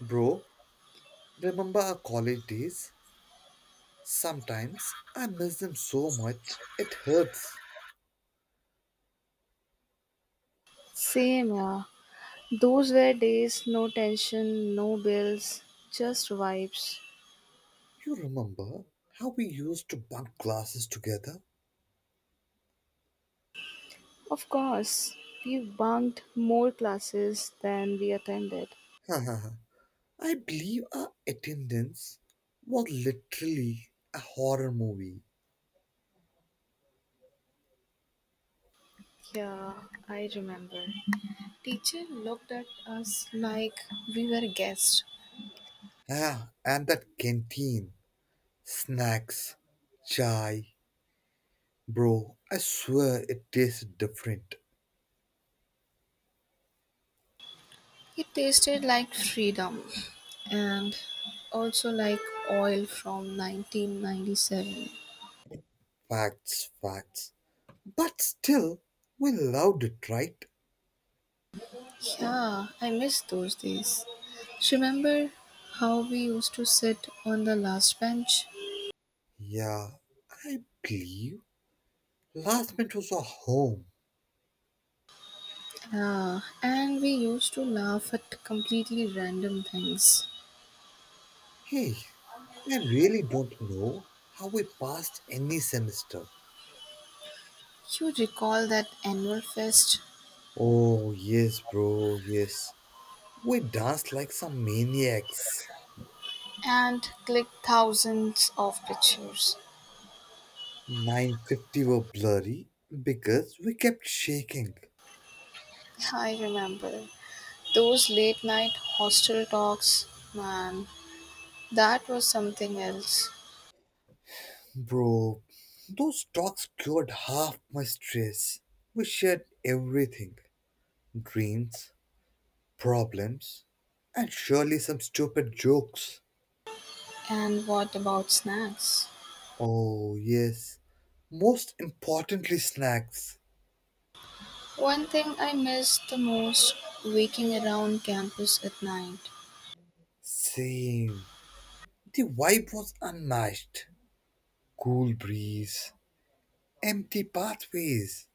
Bro, remember our college days? Sometimes I miss them so much, it hurts. Same, yeah. Those were days, no tension, no bills, just vibes. You remember how we used to bunk classes together? Of course, we bunked more classes than we attended. I believe our attendance was literally a horror movie. Yeah, I remember. Teacher looked at us like we were guests. Ah, and that canteen. Snacks, chai. Bro, I swear it tasted different. It tasted like freedom and also like oil from 1997. Facts, facts. But still, we loved it, right? Yeah, I miss those days. Remember how we used to sit on the last bench? Yeah, I believe last month was our home. Yeah, and we used to laugh at completely random things. Hey, I really don't know how we passed any semester. You recall that annual fest Oh, yes, bro, yes. We danced like some maniacs. and click thousands of pictures. 950 were blurry because we kept shaking. I remember those late night hostel talks, man, that was something else. Bro, those talks cured half my stress. We shared everything dreams, problems, and surely some stupid jokes. And what about snacks? Oh, yes. Most importantly, snacks. One thing I missed the most waking around campus at night. Same. The vibe was unmatched. Cool breeze, empty pathways,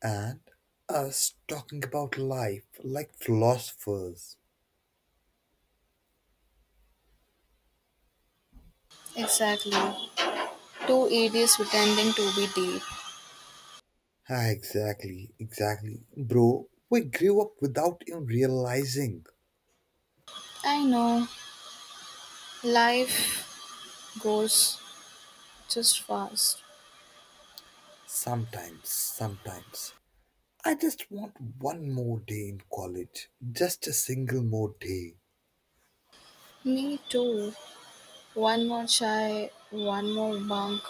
and us talking about life like philosophers. Exactly. Two idiots pretending to be deep. Ah, exactly, exactly. Bro, we grew up without even realizing. I know life goes just fast. Sometimes, sometimes. I just want one more day in college. Just a single more day. Me too. One more chai, one more bunk,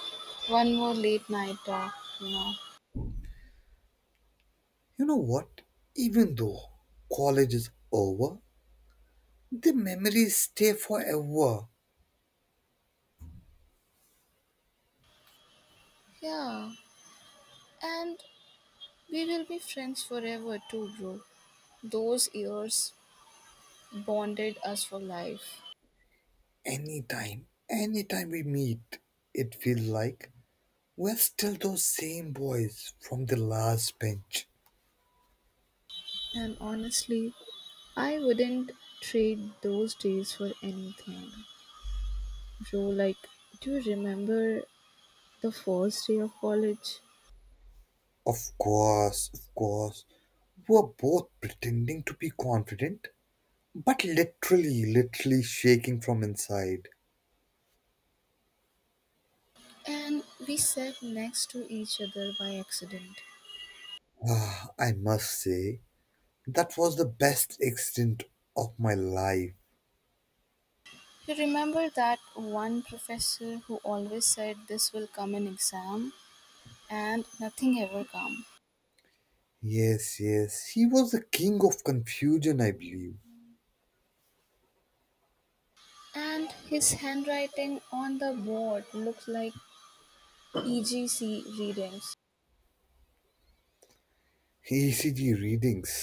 one more late night talk, you know. You know what? Even though college is over, the memories stay forever. Yeah, and we will be friends forever too, bro. Those years bonded us for life. Anytime, anytime we meet, it feels like we're still those same boys from the last bench. And honestly, I wouldn't trade those days for anything. Bro, like, do you remember the first day of college? Of course, we are both pretending to be confident, but literally, literally shaking from inside. And we sat next to each other by accident. Ah, I must say, that was the best extent of my life. You remember that one professor who always said this will come in exam and nothing ever come. Yes, yes. He was the king of confusion, I believe. And his handwriting on the board looked like EGC readings. ECG readings.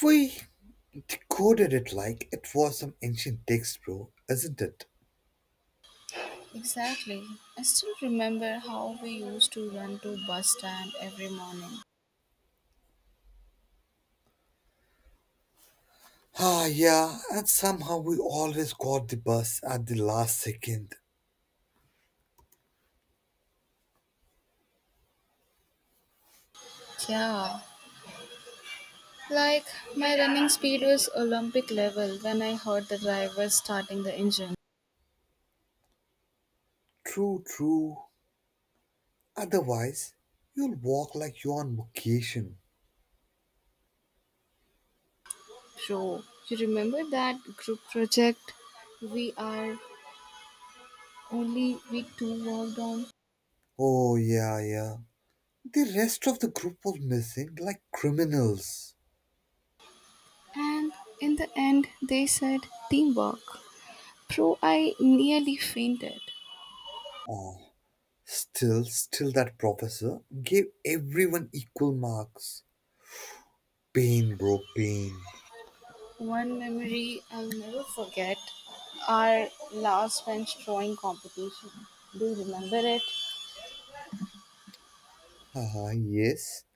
We decoded it like it was some ancient text, bro, isn't it? Exactly. I still remember how we used to run to bus stand every morning. Ah, yeah, and somehow we always got the bus at the last second. Yeah. Like my running speed was Olympic level when I heard the driver starting the engine. True, true. Otherwise, you'll walk like you're on vacation. Bro, you remember that group project? We are Only we two worked on, Oh, yeah, yeah. The rest of the group was missing like criminals. and in the end, they said teamwork. Bro, I nearly fainted. Still, still that professor gave everyone equal marks. Pain, bro, pain. One memory I'll never forget our last bench drawing competition. Do you remember it? Haha, yes.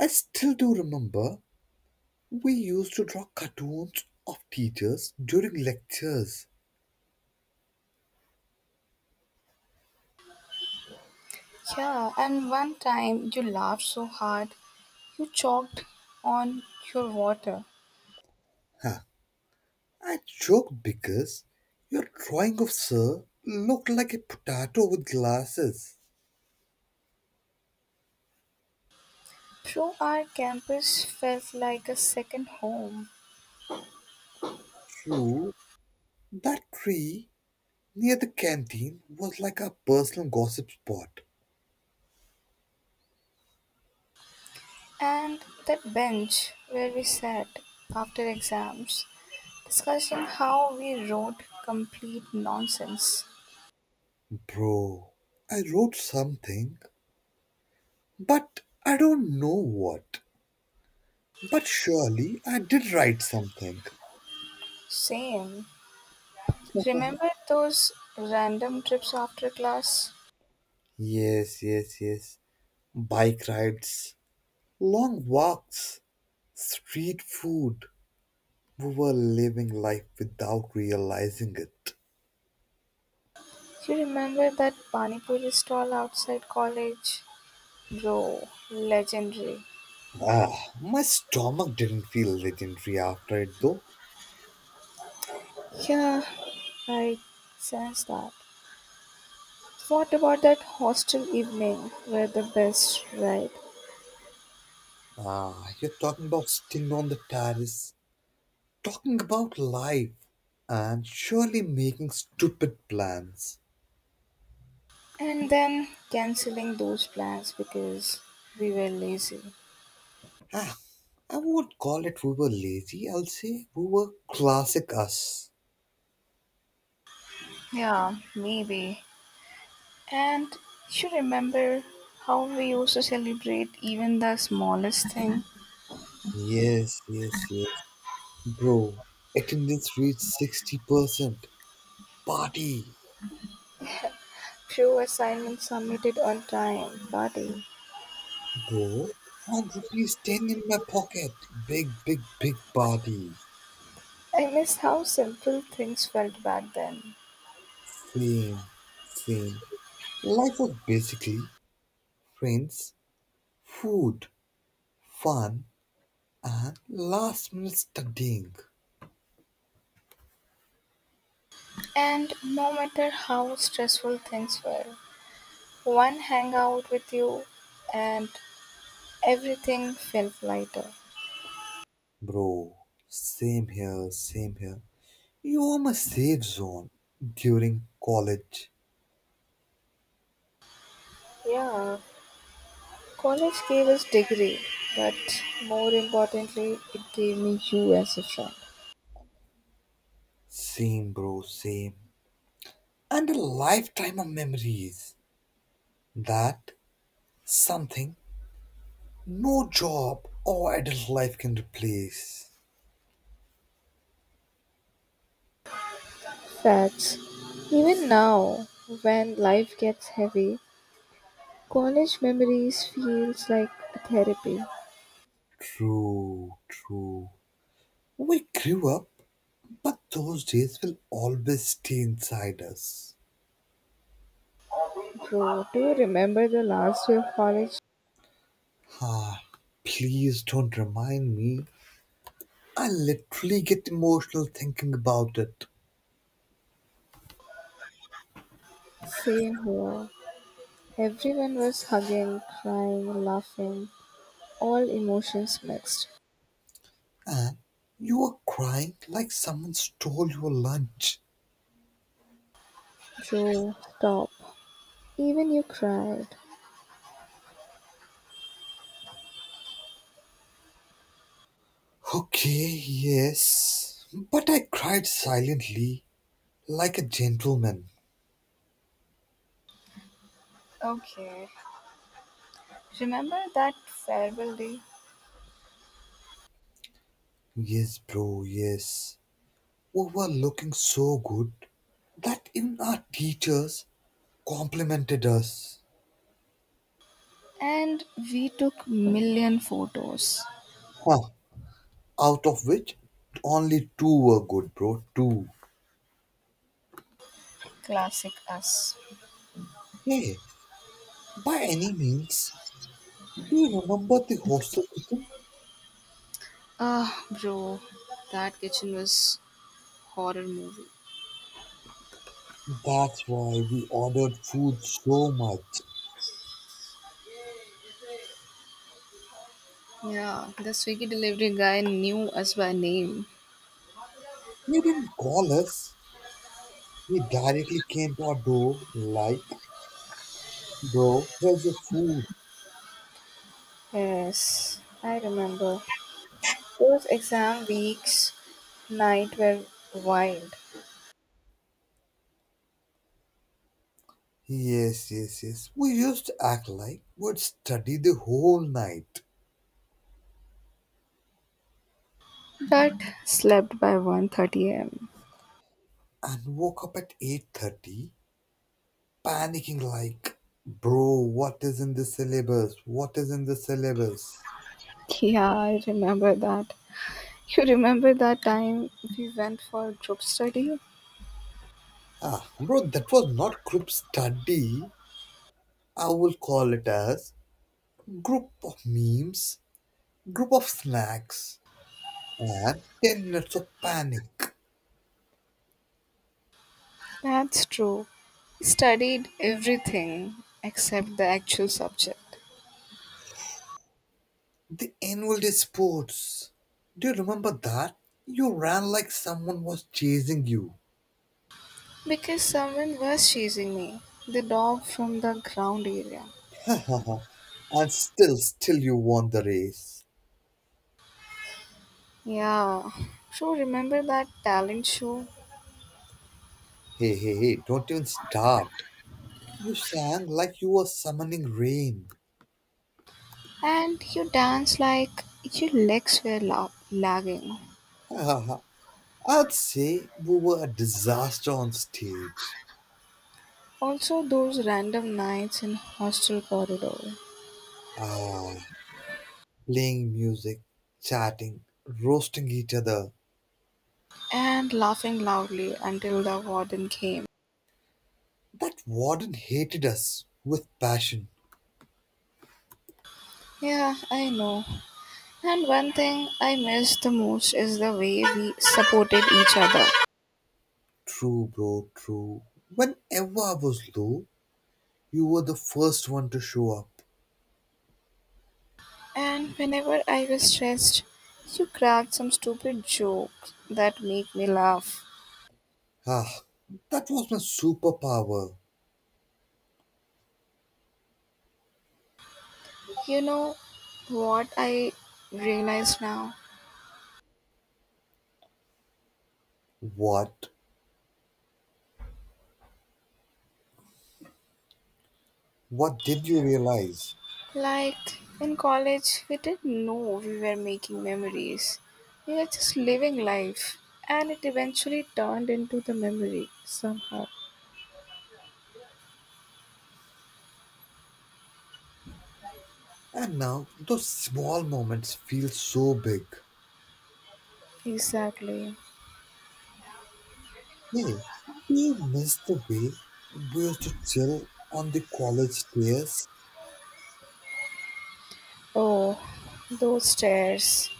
I still do remember we used to draw cartoons of teachers during lectures. Yeah, and one time you laughed so hard you choked on your water. Huh. I joked because your drawing of sir looked like a potato with glasses. Bro, our campus felt like a second home. True, that tree near the canteen was like our personal gossip spot. And that bench where we sat after exams discussing how we wrote complete nonsense. Bro, I wrote something but I don't know what. But surely I did write something. Same. Remember those random trips after class? Yes, yes, yes. Bike rides, long walks, street food. We were living life without realizing it. You remember that Pani Puri stall outside college? Bro, legendary. Ah, my stomach didn't feel legendary after it though. Yeah, I sense that. What about that hostel evening? Were the best, right? Ah, you're talking about sitting on the terrace, talking about life, and surely making stupid plans. And then cancelling those plans because we were lazy. Ah, I won't call it we were lazy. I'll say we were classic us. Yeah, maybe. And you remember how we used to celebrate even the smallest thing? Yes, yes, yes. Bro, attendance reached 60%. Party. Few assignments submitted on time, buddy. Bro, had rupees 10 in my pocket. Big, big, big party. I miss how simple things felt back then. Same, same. Life was basically friends, food, fun, and last minute studying. And no matter how stressful things were, one hangout with you and everything felt lighter. Bro, same here, same here. You were my safe zone during college. Yeah, college gave us degree, but more importantly, it gave me you as a friend. Same, bro, same. And a lifetime of memories. That something no job or adult life can replace. Facts. Even now, when life gets heavy, college memories feels like a therapy. True, true. We grew up, but those days will always stay inside us. Bro, do you remember the last day of college? Ah, please don't remind me. I literally get emotional thinking about it. Same here. Everyone was hugging, crying, laughing, all emotions mixed. And you were crying like someone stole your lunch. Bro, stop. Even you cried. Okay, yes. But I cried silently, like a gentleman. Okay. Remember that farewell day? Yes, bro, yes. We were looking so good that even our teachers complimented us. And we took million photos. Huh. Out of which only two were good, bro. Two. Classic us. Hey, by any means, do you remember the hostel kitchen? Ah, bro, that kitchen was horror movie. That's why we ordered food so much. Yeah, the Swiggy delivery guy knew us by name. He didn't call us. He directly came to our door like, bro, here's your food. Yes, I remember. Those exam weeks night were wild. Yes, yes, yes. We used to act like we'd study the whole night But slept by 1:30 a.m. and woke up at 8:30 panicking like, "Bro, what is in the syllabus? What is in the syllabus?" Yeah, I remember that. You remember that time we went for group study? Ah, bro, that was not group study. I will call it as group of memes, group of snacks, and 10 minutes of panic. That's true. We studied everything except the actual subject. The annual day sports. Do you remember that? You ran like someone was chasing you. Because someone was chasing me. The dog from the ground area. And still you won the race. Yeah. So remember that talent show? Hey, hey, hey, don't even start. You sang like you were summoning rain. And you danced like your legs were lagging. I'd say we were a disaster on stage. Also those random nights in hostel corridor. Ah, playing music, chatting, roasting each other. And laughing loudly until the warden came. That warden hated us with passion. Yeah, I know. And one thing I miss the most is the way we supported each other. True, bro, true. Whenever I was low, you were the first one to show up. And whenever I was stressed, you cracked some stupid jokes that make me laugh. Ah, that was my superpower. You know what I realize now? What? What did you realize? Like in college, we didn't know we were making memories. We were just living life. And it eventually turned into the memory somehow. And now those small moments feel so big. Exactly. Hey, do you miss the way we used to chill on the college stairs? Oh, those stairs.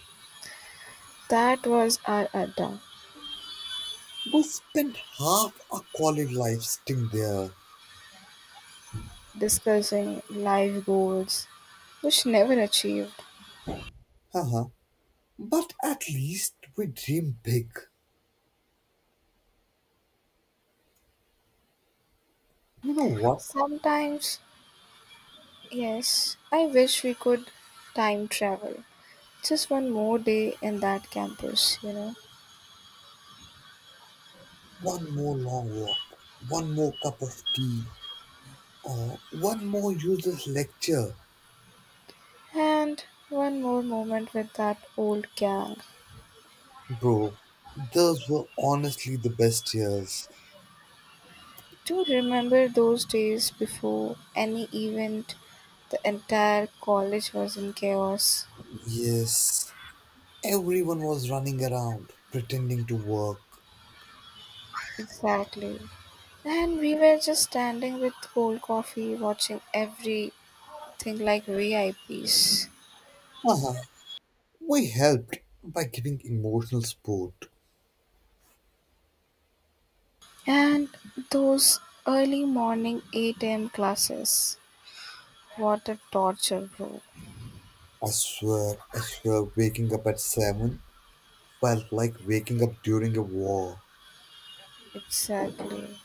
That was our Adda We spent half our college life sitting there. discussing life goals, which never achieved. Haha. But at least we dream big. You know what? Sometimes, yes, I wish we could time travel. Just one more day in that campus, you know. One more long walk, one more cup of tea, or one more useless lecture. And one more moment with that old gang. Bro, those were honestly the best years. To remember those days before any event, the entire college was in chaos. Yes, everyone was running around, pretending to work. Exactly. And we were just standing with cold coffee, watching everything like VIPs. Uh-huh. We helped by giving emotional support. And those early morning 8 a.m. classes, what a torture, bro. I swear, waking up at 7 felt like waking up during a war. Exactly.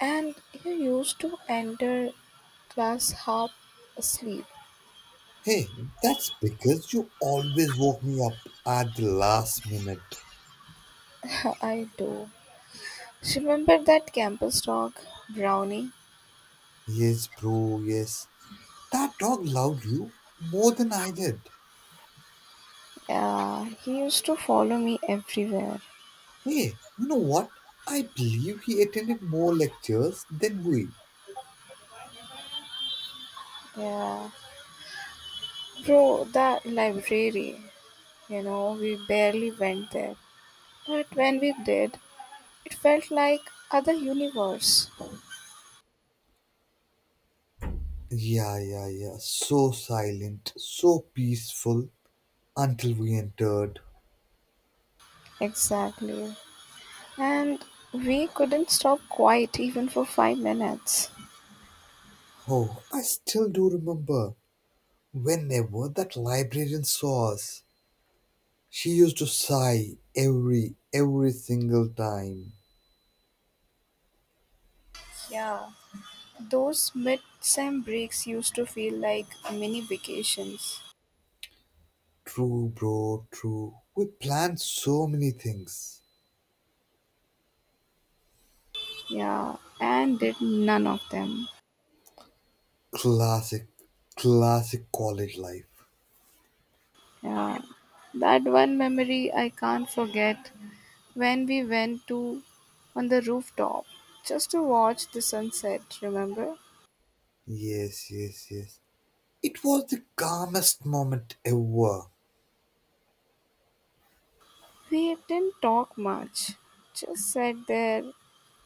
And you used to enter class half asleep. Hey, that's because you always woke me up at the last minute. I do. Remember that campus dog, Brownie? Yes, bro, yes. That dog loved you more than I did. Yeah, he used to follow me everywhere. Hey, you know what? I believe he attended more lectures than we. Yeah. Bro, the library, you know, we barely went there. But when we did, it felt like other universe. Yeah, yeah, yeah. So silent, so peaceful until we entered. Exactly. And we couldn't stop quiet even for 5 minutes. Oh, I still do remember whenever that librarian saw us, she used to sigh every single time. Yeah, those mid sem breaks used to feel like mini vacations. True, bro, true. We planned so many things. Yeah, and did none of them. Classic, classic college life. Yeah, that one memory I can't forget when we went to on the rooftop just to watch the sunset, remember? Yes, yes, yes. It was the calmest moment ever. We didn't talk much, just sat there.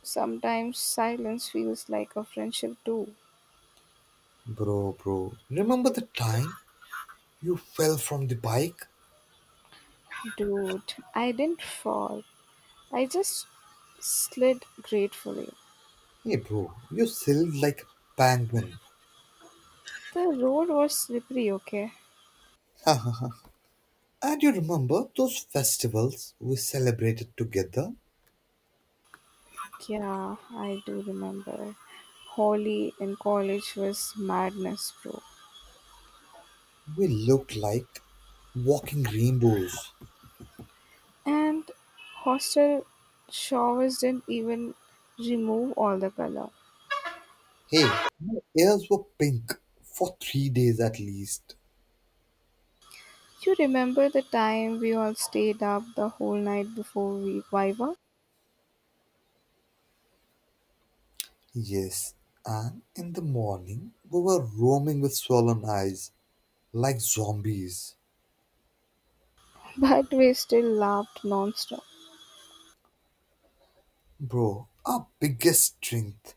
Sometimes silence feels like a friendship too. Bro, bro. Remember the time you fell from the bike? Dude, I didn't fall. I just slid gratefully. Hey, bro, you sailed like a penguin. The road was slippery, okay? And you remember those festivals we celebrated together? Yeah, I do remember. Holly in college was madness, bro. We looked like walking rainbows. And hostel showers didn't even remove all the color. Hey, my ears were pink for 3 days at least. You remember the time we all stayed up the whole night before we Viva? Yes, and in the morning, we were roaming with swollen eyes like zombies. But we still laughed non-stop. Bro, our biggest strength,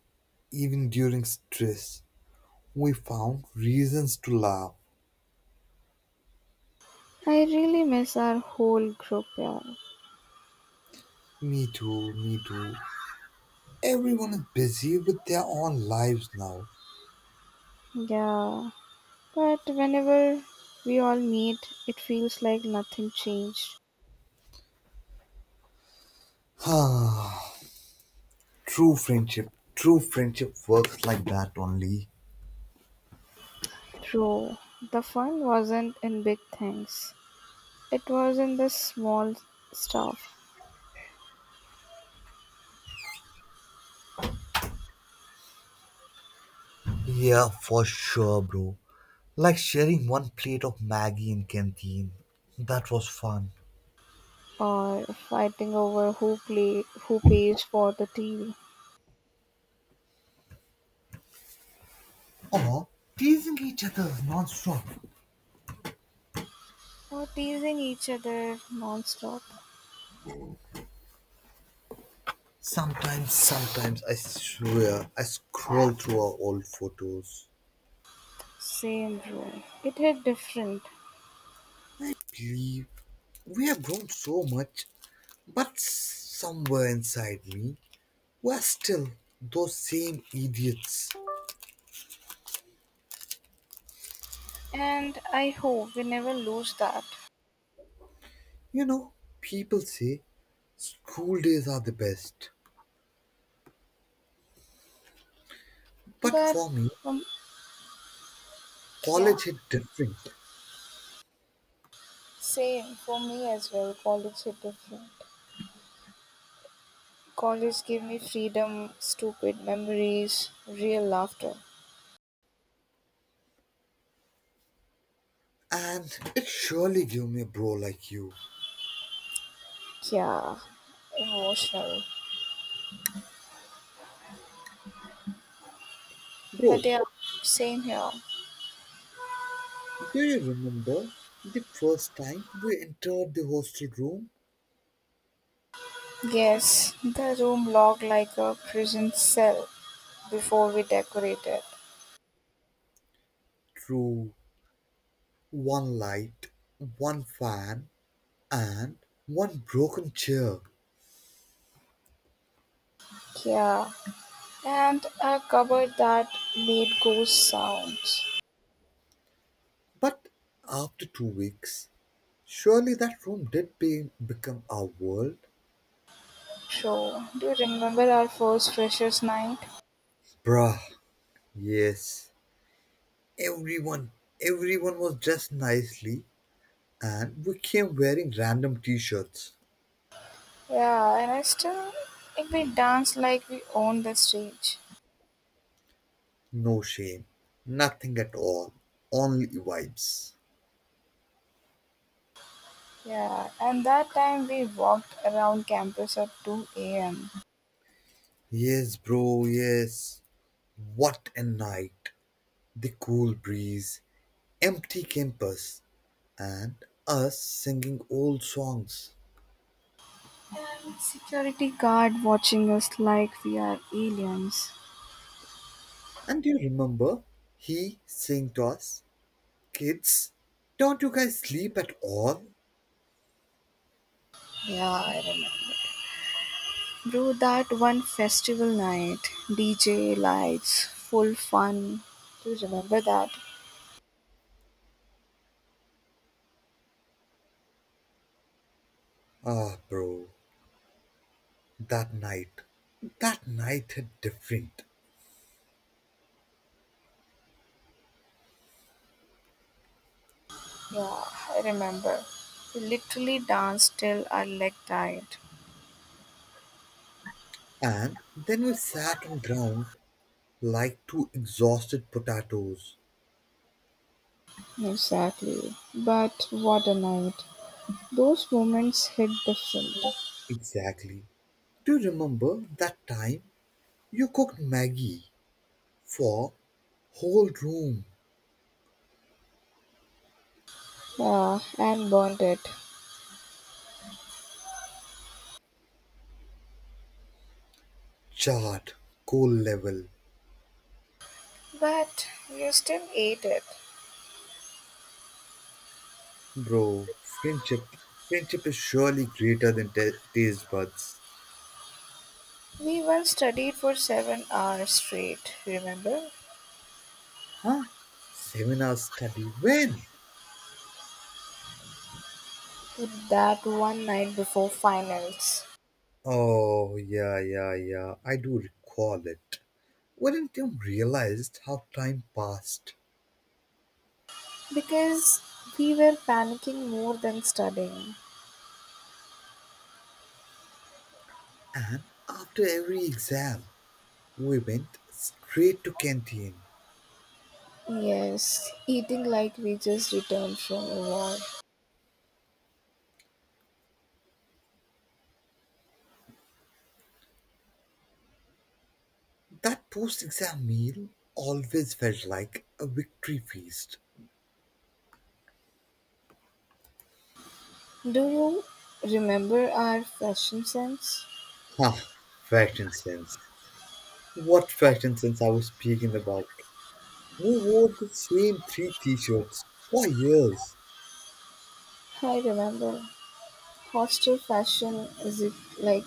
even during stress, we found reasons to laugh. I really miss our whole group, yeah. Me too, me too. Everyone is busy with their own lives now. Yeah, but whenever we all meet, it feels like nothing changed. Ah, true friendship. True friendship works like that only. True, the fun wasn't in big things, it was in the small stuff, Yeah, for sure, bro. Like sharing one plate of Maggie in canteen. That was fun. or fighting over who play, who pays for the TV, Or teasing each other non-stop. or teasing each other non-stop. Sometimes, sometimes I swear I scroll through our old photos, Same room. It hit different, believe we have grown so much, but somewhere inside me, we're still those same idiots. and I hope we never lose that. You know, people say school days are the best, but But for me, um, yeah, college hit different, same for me as well. College hit different. College gave me freedom, stupid memories, real laughter. and it surely gave me a bro like you. Yeah, emotional. But Bro, yeah, same here. do you remember the first time we entered the hostel room Yes, the room looked like a prison cell before we decorated. through one light, one fan, and one broken chair? Yeah, and a cupboard that made ghost sounds. But after 2 weeks, surely that room did become our world? So, do you remember our first freshers' night? Bruh, yes. Everyone, everyone was dressed nicely, and we came wearing random t shirts. Yeah, and I still, like, we danced like we owned the stage. No shame, nothing at all, only vibes. Yeah, and that time we walked around campus at 2 a.m. Yes, bro, yes. What a night! The cool breeze, empty campus, and us singing old songs. Security guard watching us like we are aliens. And do you remember he saying to us, "Kids, don't you guys sleep at all?" Yeah, I remember. Bro, that one festival night, DJ lights, full fun. Do you remember that? Ah, bro, that night, that night hit different. Yeah, I remember. We literally danced till our leg died. And then we sat on ground like two exhausted potatoes. Exactly. But what a night. Those moments hit different. Exactly. Do you remember that time you cooked Maggie for whole room? Yeah, and burned it. Chart, cool level, But you still ate it. bro. Friendship is surely greater than ta taste buds. We once studied for 7 hours straight, remember? Huh? Seminar study when? That one night before finals. Oh yeah, yeah, yeah. I do recall it. Wouldn't you realized how time passed? Because we were panicking more than studying. And after every exam, we went straight to canteen. Yes, eating like we just returned from a war. That post-exam meal always felt like a victory feast. Do you remember our fashion sense? Huh, fashion sense. What fashion sense I was speaking about? We wore the same three t shirts for years. I remember. Hostel fashion is it like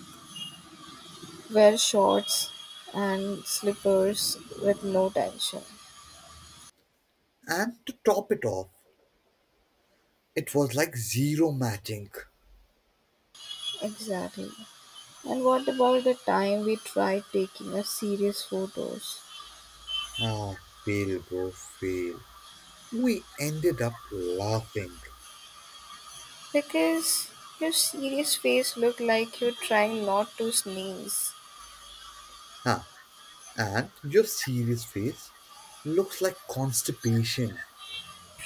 wear shorts and slippers with no tension. And to top it off, it was like zero matching. Exactly. And what about the time we tried taking a serious photos? Ah, fail, bro, fail. We ended up laughing. Because your serious face looked like you're trying not to sneeze. Huh. And your serious face looks like constipation.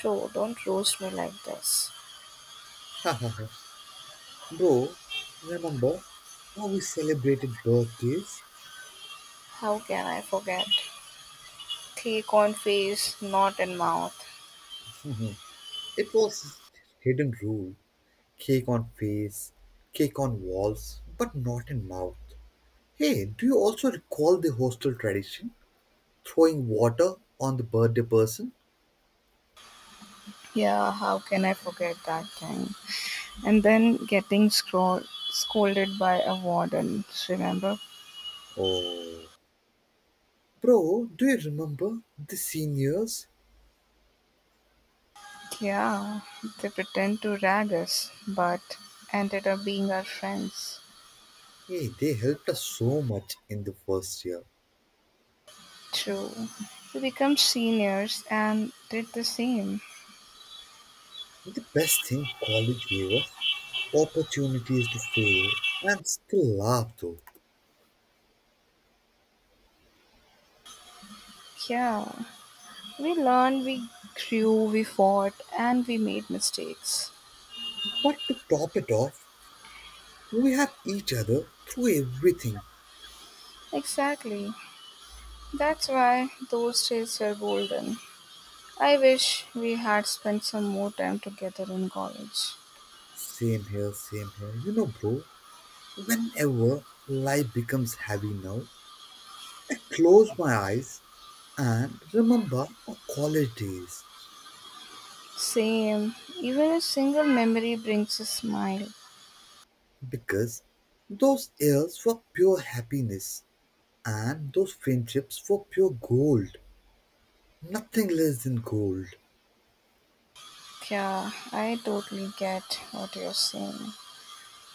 Bro, don't roast me like this. Ha ha ha, bro, remember how we celebrated birthdays? How can I forget? Thick on face, not in mouth. Mhm. It was hidden rule. Cake on face, cake on walls, but not in mouth. Hey, do you also recall the hostel tradition? Throwing water on the birthday person? Yeah, how can I forget that time? And then getting scolded by a warden, remember? Oh. Bro, do you remember the seniors? Yeah, they pretend to rag us, but ended up being our friends. Hey, they helped us so much in the first year. True. We become seniors and did the same. The best thing college gave us opportunities to fail and still laugh though. Yeah. We learned, we grew, we fought, and we made mistakes. But to top it off, we had each other through everything. Exactly. That's why those days were golden. I wish we had spent some more time together in college. Same here, same here. You know, bro, whenever life becomes heavy now, I close my eyes and remember our college days Same. Even a single memory brings a smile. because those years were pure happiness and those friendships were pure gold. Nothing less than gold. Yeah, I totally get what you're saying.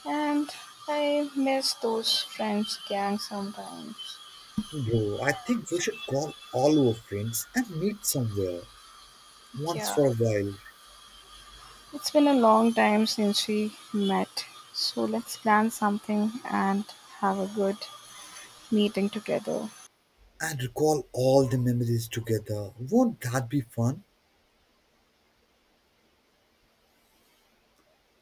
And I miss those friends gang sometimes. Bro, I think we should call all our friends and meet somewhere once Yeah. for a while It's been a long time since we met, so let's plan something and have a good meeting together. and recall all the memories together. Won't that be fun?